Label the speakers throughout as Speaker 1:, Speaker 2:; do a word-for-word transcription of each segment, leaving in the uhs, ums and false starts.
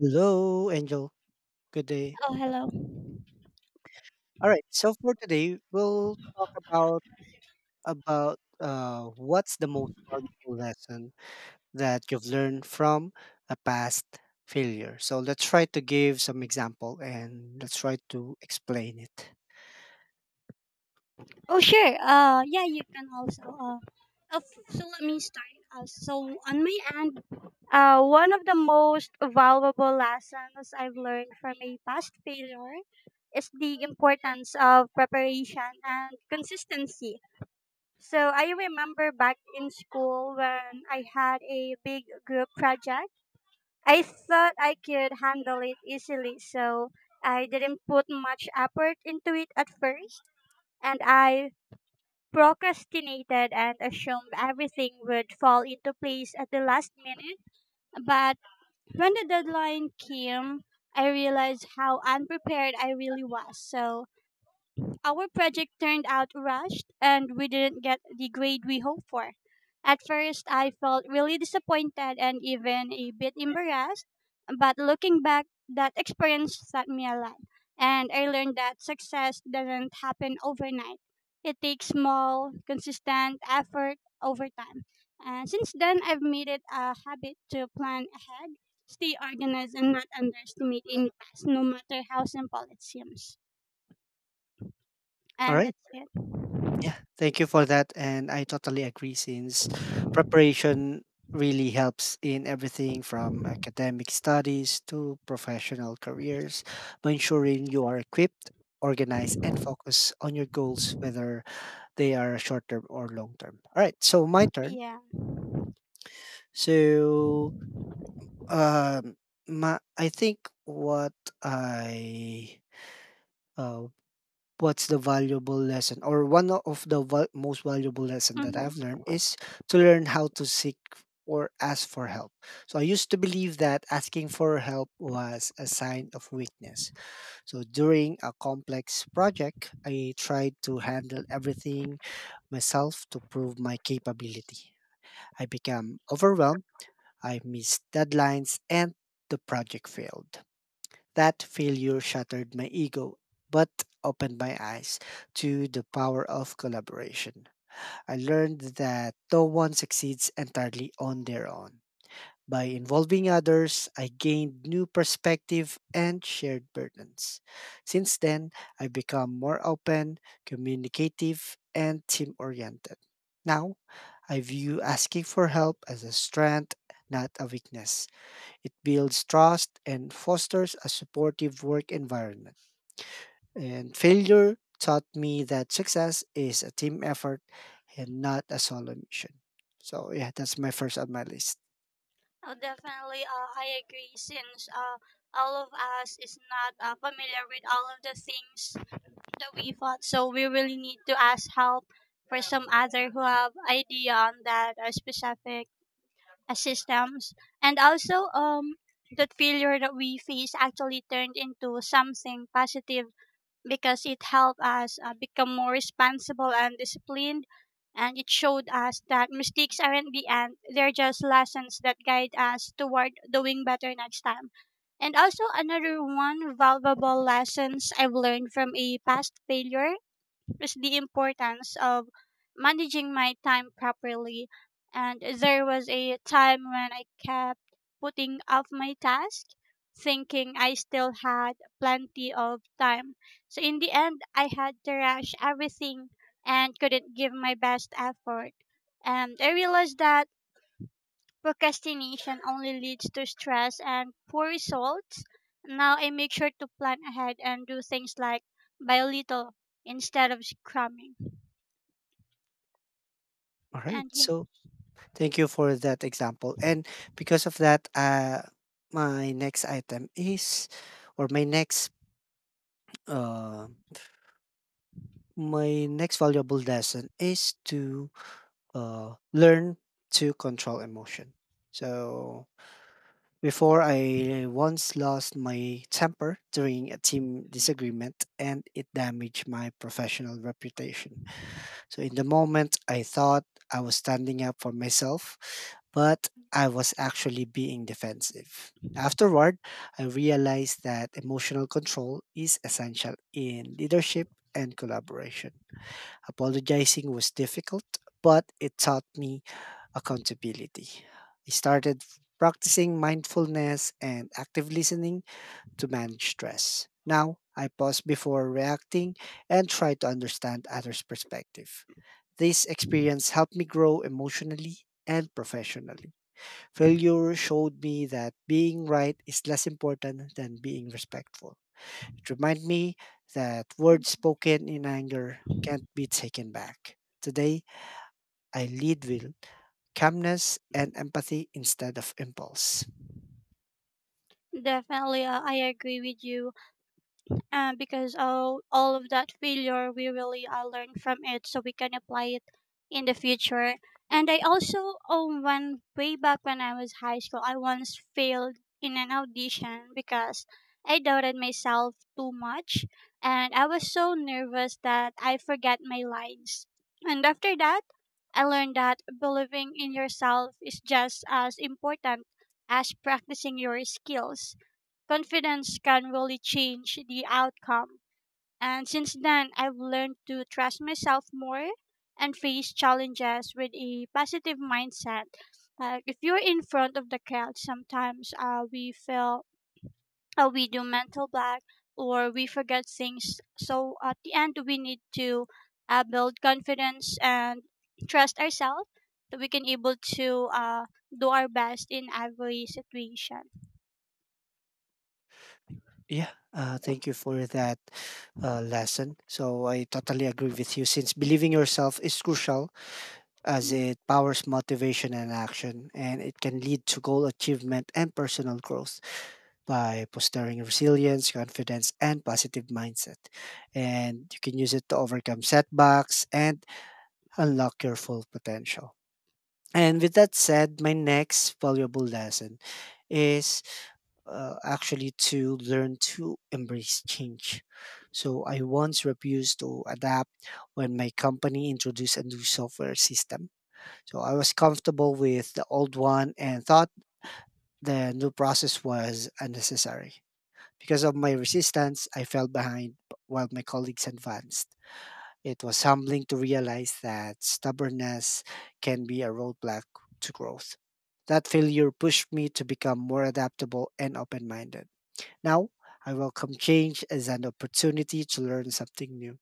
Speaker 1: Hello, Angel. Good day.
Speaker 2: Oh, hello.
Speaker 1: All right. So for today, we'll talk about about uh, what's the most valuable lesson that you've learned from a past failure. So let's try to give some example and let's try to explain it.
Speaker 2: Oh, sure. Uh, yeah, you can also. Uh, uh, f- so let me start. Uh, so on my end, uh, one of the most valuable lessons I've learned from a past failure is the importance of preparation and consistency. So I remember back in school when I had a big group project, I thought I could handle it easily, so I didn't put much effort into it at first, and I procrastinated and assumed everything would fall into place at the last minute. But when the deadline came, I realized how unprepared I really was. So our project turned out rushed and we didn't get the grade we hoped for. At first, I felt really disappointed and even a bit embarrassed, but looking back, that experience taught me a lot. And I learned that success doesn't happen overnight. It takes small, consistent effort over time. And since then, I've made it a habit to plan ahead, stay organized, and not underestimate any task, no matter how simple it seems.
Speaker 1: All
Speaker 2: And
Speaker 1: right.
Speaker 2: that's it.
Speaker 1: Yeah, thank you for that. And I totally agree since preparation really helps in everything from academic studies to professional careers by ensuring you are equipped, organized, and focused on your goals, whether they are short term or long term. All right, so my turn.
Speaker 2: Yeah.
Speaker 1: So, um, my, I think what I uh, what's the valuable lesson or one of the val- most valuable lesson that
Speaker 2: Mhm.
Speaker 1: I've learned is to learn how to seek or ask for help. So I used to believe that asking for help was a sign of weakness. So during a complex project, I tried to handle everything myself to prove my capability. I became overwhelmed, I missed deadlines and the project failed. That failure shattered my ego, but opened my eyes to the power of collaboration. I learned that no one succeeds entirely on their own. By involving others, I gained new perspective and shared burdens. Since then, I've become more open, communicative, and team oriented. Now, I view asking for help as a strength, not a weakness. It builds trust and fosters a supportive work environment. And failure taught me that success is a team effort and not a solo mission. So, yeah, that's my first on my list.
Speaker 2: Oh, definitely. Uh, I agree. Since uh, all of us is not uh, familiar with all of the things that we thought, so we really need to ask help for some other who have idea on that uh, specific uh, systems, and also um that failure that we face actually turned into something positive because it helped us uh, become more responsible and disciplined. And it showed us that mistakes aren't the end, they're just lessons that guide us toward doing better next time. And also, another one valuable lessons I've learned from a past failure is the importance of managing my time properly. And there was a time when I kept putting off my task, thinking I still had plenty of time. So in the end, I had to rush everything and couldn't give my best effort. And I realized that procrastination only leads to stress and poor results. Now I make sure to plan ahead and do things like by little instead of cramming.
Speaker 1: All right.
Speaker 2: And yeah,
Speaker 1: So, thank you for that example. And because of that, uh, my next item is, or my next, uh, my next valuable lesson is to uh, learn to control emotion. So before I once lost my temper during a team disagreement, and it damaged my professional reputation. So in the moment, I thought I was standing up for myself, but I was actually being defensive. Afterward, I realized that emotional control is essential in leadership and collaboration. Apologizing was difficult, but it taught me accountability. I started practicing mindfulness and active listening to manage stress. Now, I pause before reacting and try to understand others' perspective. This experience helped me grow emotionally and professionally. Failure showed me that being right is less important than being respectful. It reminded me that words
Speaker 2: mm,
Speaker 1: spoken in anger can't be taken back. Today, I lead with calmness and empathy instead of impulse.
Speaker 2: definitely, uh, I agree with you. Uh, because all all of that failure we really uh, learn from it so we can apply it in the future, and I also um when, way back when I was high school, I once failed in an audition because I doubted myself too much, and I was so nervous that I forgot my lines. And after that, I learned that believing in yourself is just as important as practicing your skills. Confidence can really change the outcome. And since then, I've learned to trust myself more and face challenges with a positive mindset. Like if you're in front of the crowd, sometimes uh, we feel, uh, we do mental block or we forget things. So at the end, we need to uh, build confidence and trust ourselves that we can able to uh, do our best in every situation.
Speaker 1: Yeah, uh, thank you for that uh, lesson. So I totally agree with you since believing yourself is crucial as it powers motivation and action, and it can lead to goal achievement and personal growth by fostering resilience, confidence, and positive mindset. And you can use it to overcome setbacks and unlock your full potential. And with that said, my next valuable lesson is uh, actually to learn to embrace change. So I once refused to adapt when my company introduced a new software system so I was comfortable with the old one and thought the new process was unnecessary. Because of my resistance, I fell behind while my colleagues advanced. It was humbling to realize that stubbornness can be a roadblock to growth. That failure pushed me to become more adaptable and open minded. Now, I welcome change as an opportunity to learn something new.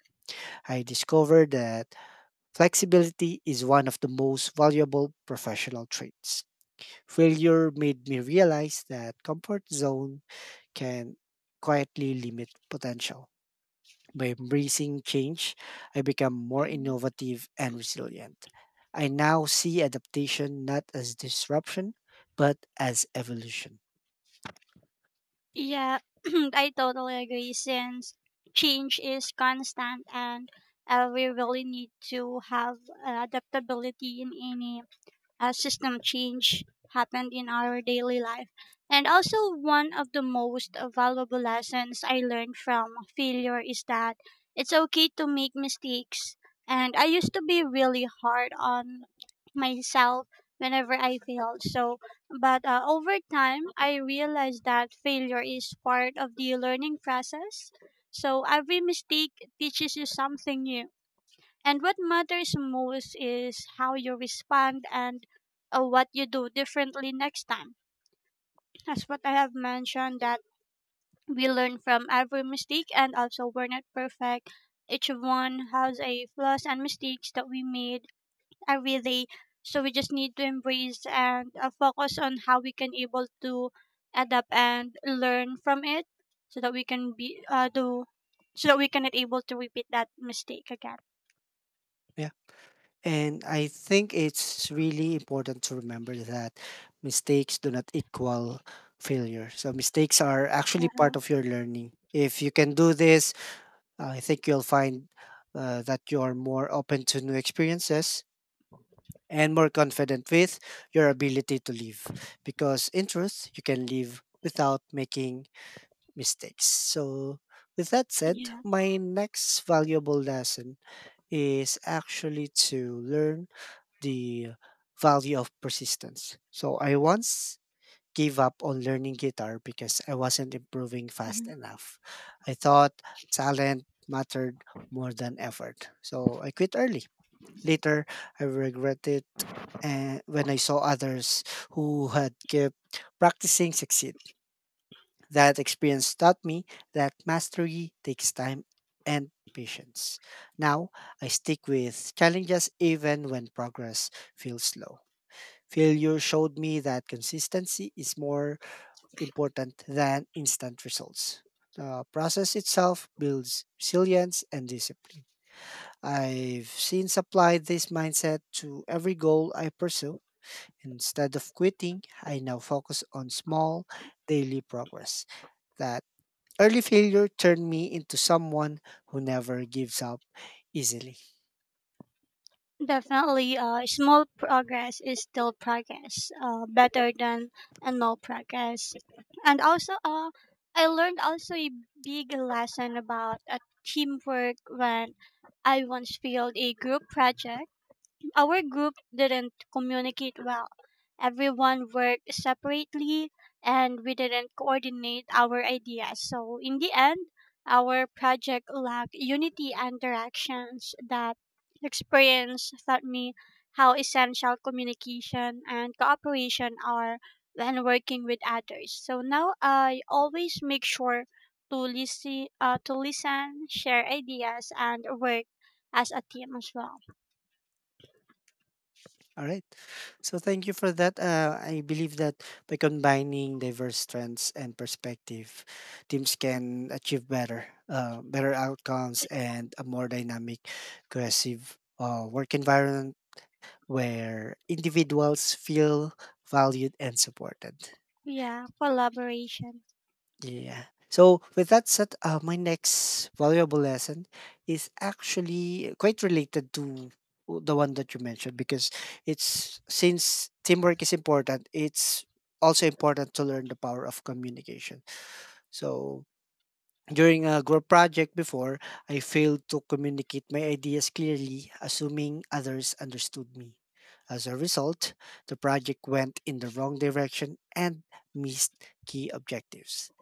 Speaker 1: I discovered that flexibility is one of the most valuable professional traits. Failure made me realize that comfort zone can quietly limit potential. By embracing change, I become more
Speaker 2: Mhm.
Speaker 1: innovative and resilient. I now see adaptation not as disruption, but as evolution.
Speaker 2: Yeah, I totally agree since change is constant and uh, we really need to have uh, adaptability in any as system change happened in our daily life. And also, one of the most valuable lessons I learned from failure is that it's okay to make mistakes. And I used to be really hard on myself whenever I failed. So, but uh, over time, I realized that failure is part of the learning process. So, every mistake teaches you something new, and what matters most is how you respond and uh, what you do differently next time. As what I have mentioned, that we learn from every mistake, and also we're not perfect. Each one has a flaws and mistakes that we made every day. So we just need to embrace and uh, focus on how we can able to adapt and learn from it, so that we can be, uh, do so that we cannot able to repeat that mistake again.
Speaker 1: And I think it's really important to remember that mistakes do not equal failure. So mistakes are actually part
Speaker 2: Uh,
Speaker 1: of your learning. If you can do this, I think you'll find uh, that you're more open to new experiences and more confident with your ability to live. Because in truth, you can live without making mistakes. So, with that said,
Speaker 2: yeah.
Speaker 1: my next valuable lesson is actually to learn the value of persistence. So I once gave up on learning guitar because I wasn't improving fast enough. I thought talent mattered more than effort. So I quit early. Later, I regret it and when I saw others who had kept practicing succeed. That experience taught me that mastery takes time and patience. Now, I stick with challenges even when progress feels slow. Failure showed me that consistency is more important than instant results. The process itself builds resilience and discipline. I've since applied this mindset to every goal I pursue. Instead of quitting, I now focus on small daily progress. That early failure turned me into someone who never gives up easily.
Speaker 2: Definitely, uh, small progress is still progress, uh, better than a no progress. And also, uh, I learned also a big lesson about uh, teamwork when I once failed a group project. Our group didn't communicate well. Everyone worked separately and we didn't coordinate our ideas. So, in the end, our project lacked unity and directions. That experience taught me how essential communication and cooperation are when working with others. So now I always make sure to listen, uh, to listen, share ideas, and work as a team as well.
Speaker 1: All right. So thank you for that. Uh, I believe that by combining diverse strengths and perspective, teams can achieve better, uh, better outcomes and a more dynamic, cohesive uh, work environment where individuals feel valued and supported.
Speaker 2: Yeah, collaboration.
Speaker 1: Yeah. So with that said, uh, my next valuable lesson is actually quite related to w- the one that you mentioned because it's since teamwork is important, it's also important to learn the power of communication. So during a group project before, I failed to communicate my ideas clearly, assuming others understood me. As a result, the project went in the wrong direction and missed key objectives.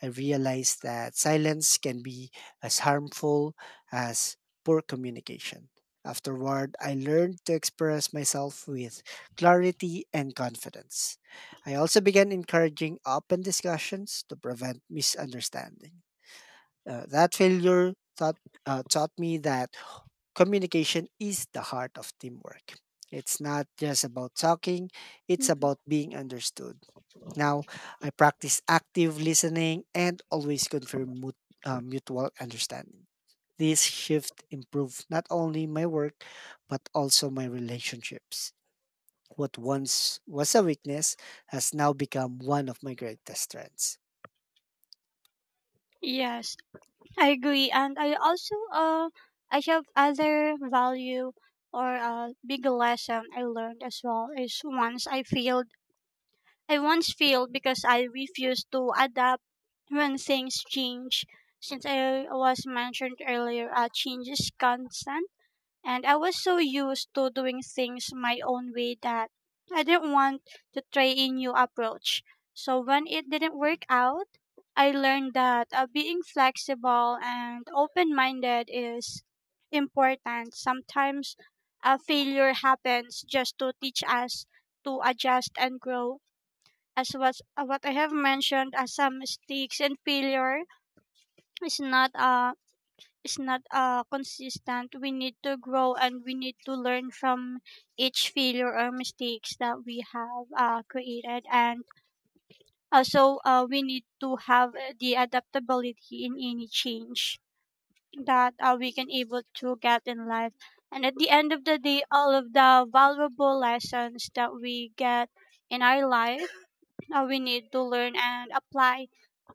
Speaker 1: I realized that silence can be as harmful as poor communication. Afterward, I learned to express myself with clarity and confidence. I also began encouraging open discussions to prevent misunderstandings. Uh, that failure taught, uh, Taught me that communication is the heart of teamwork. It's not just about talking, it's
Speaker 2: Hmm.
Speaker 1: about being understood. Now, I practice active listening and always confirm mut- uh, mutual understanding. This shift improved not only my work, but also my relationships. What once was a weakness has now become one of my greatest strengths.
Speaker 2: Yes, I agree, and I also, uh, I have other value or uh, big lesson I learned as well is once I failed. I once failed because I refused to adapt when things change. Since I was mentioned earlier, uh, change is constant. And I was so used to doing things my own way that I didn't want to try a new approach. So when it didn't work out, I learned that uh, being flexible and open minded is important. Sometimes a failure happens just to teach us to adjust and grow. As was, uh, what I have mentioned, as some mistakes and failure is not a, is not uh, consistent, we need to grow and we need to learn from each failure or mistakes that we have uh, created. And also, uh, we need to have uh, the adaptability in any change that uh, we can able to get in life. And at the end of the day, all of the valuable lessons that we get in our life, uh, we need to learn and apply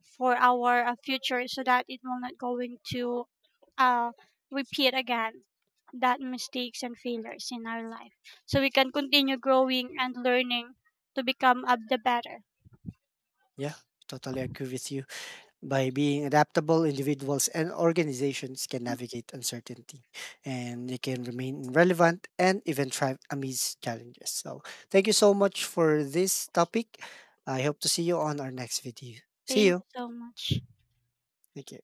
Speaker 2: for our uh, future, so that it will not going to uh, repeat again that mistakes and failures in our life, so we can continue growing and learning to become up the better.
Speaker 1: Yeah, totally agree with you. By being adaptable, individuals and organizations can navigate uncertainty and they can remain relevant and even thrive amidst challenges. So, thank you so much for this topic. I hope to see you on our next video. See
Speaker 2: Thank
Speaker 1: you.
Speaker 2: you so much.
Speaker 1: Thank you.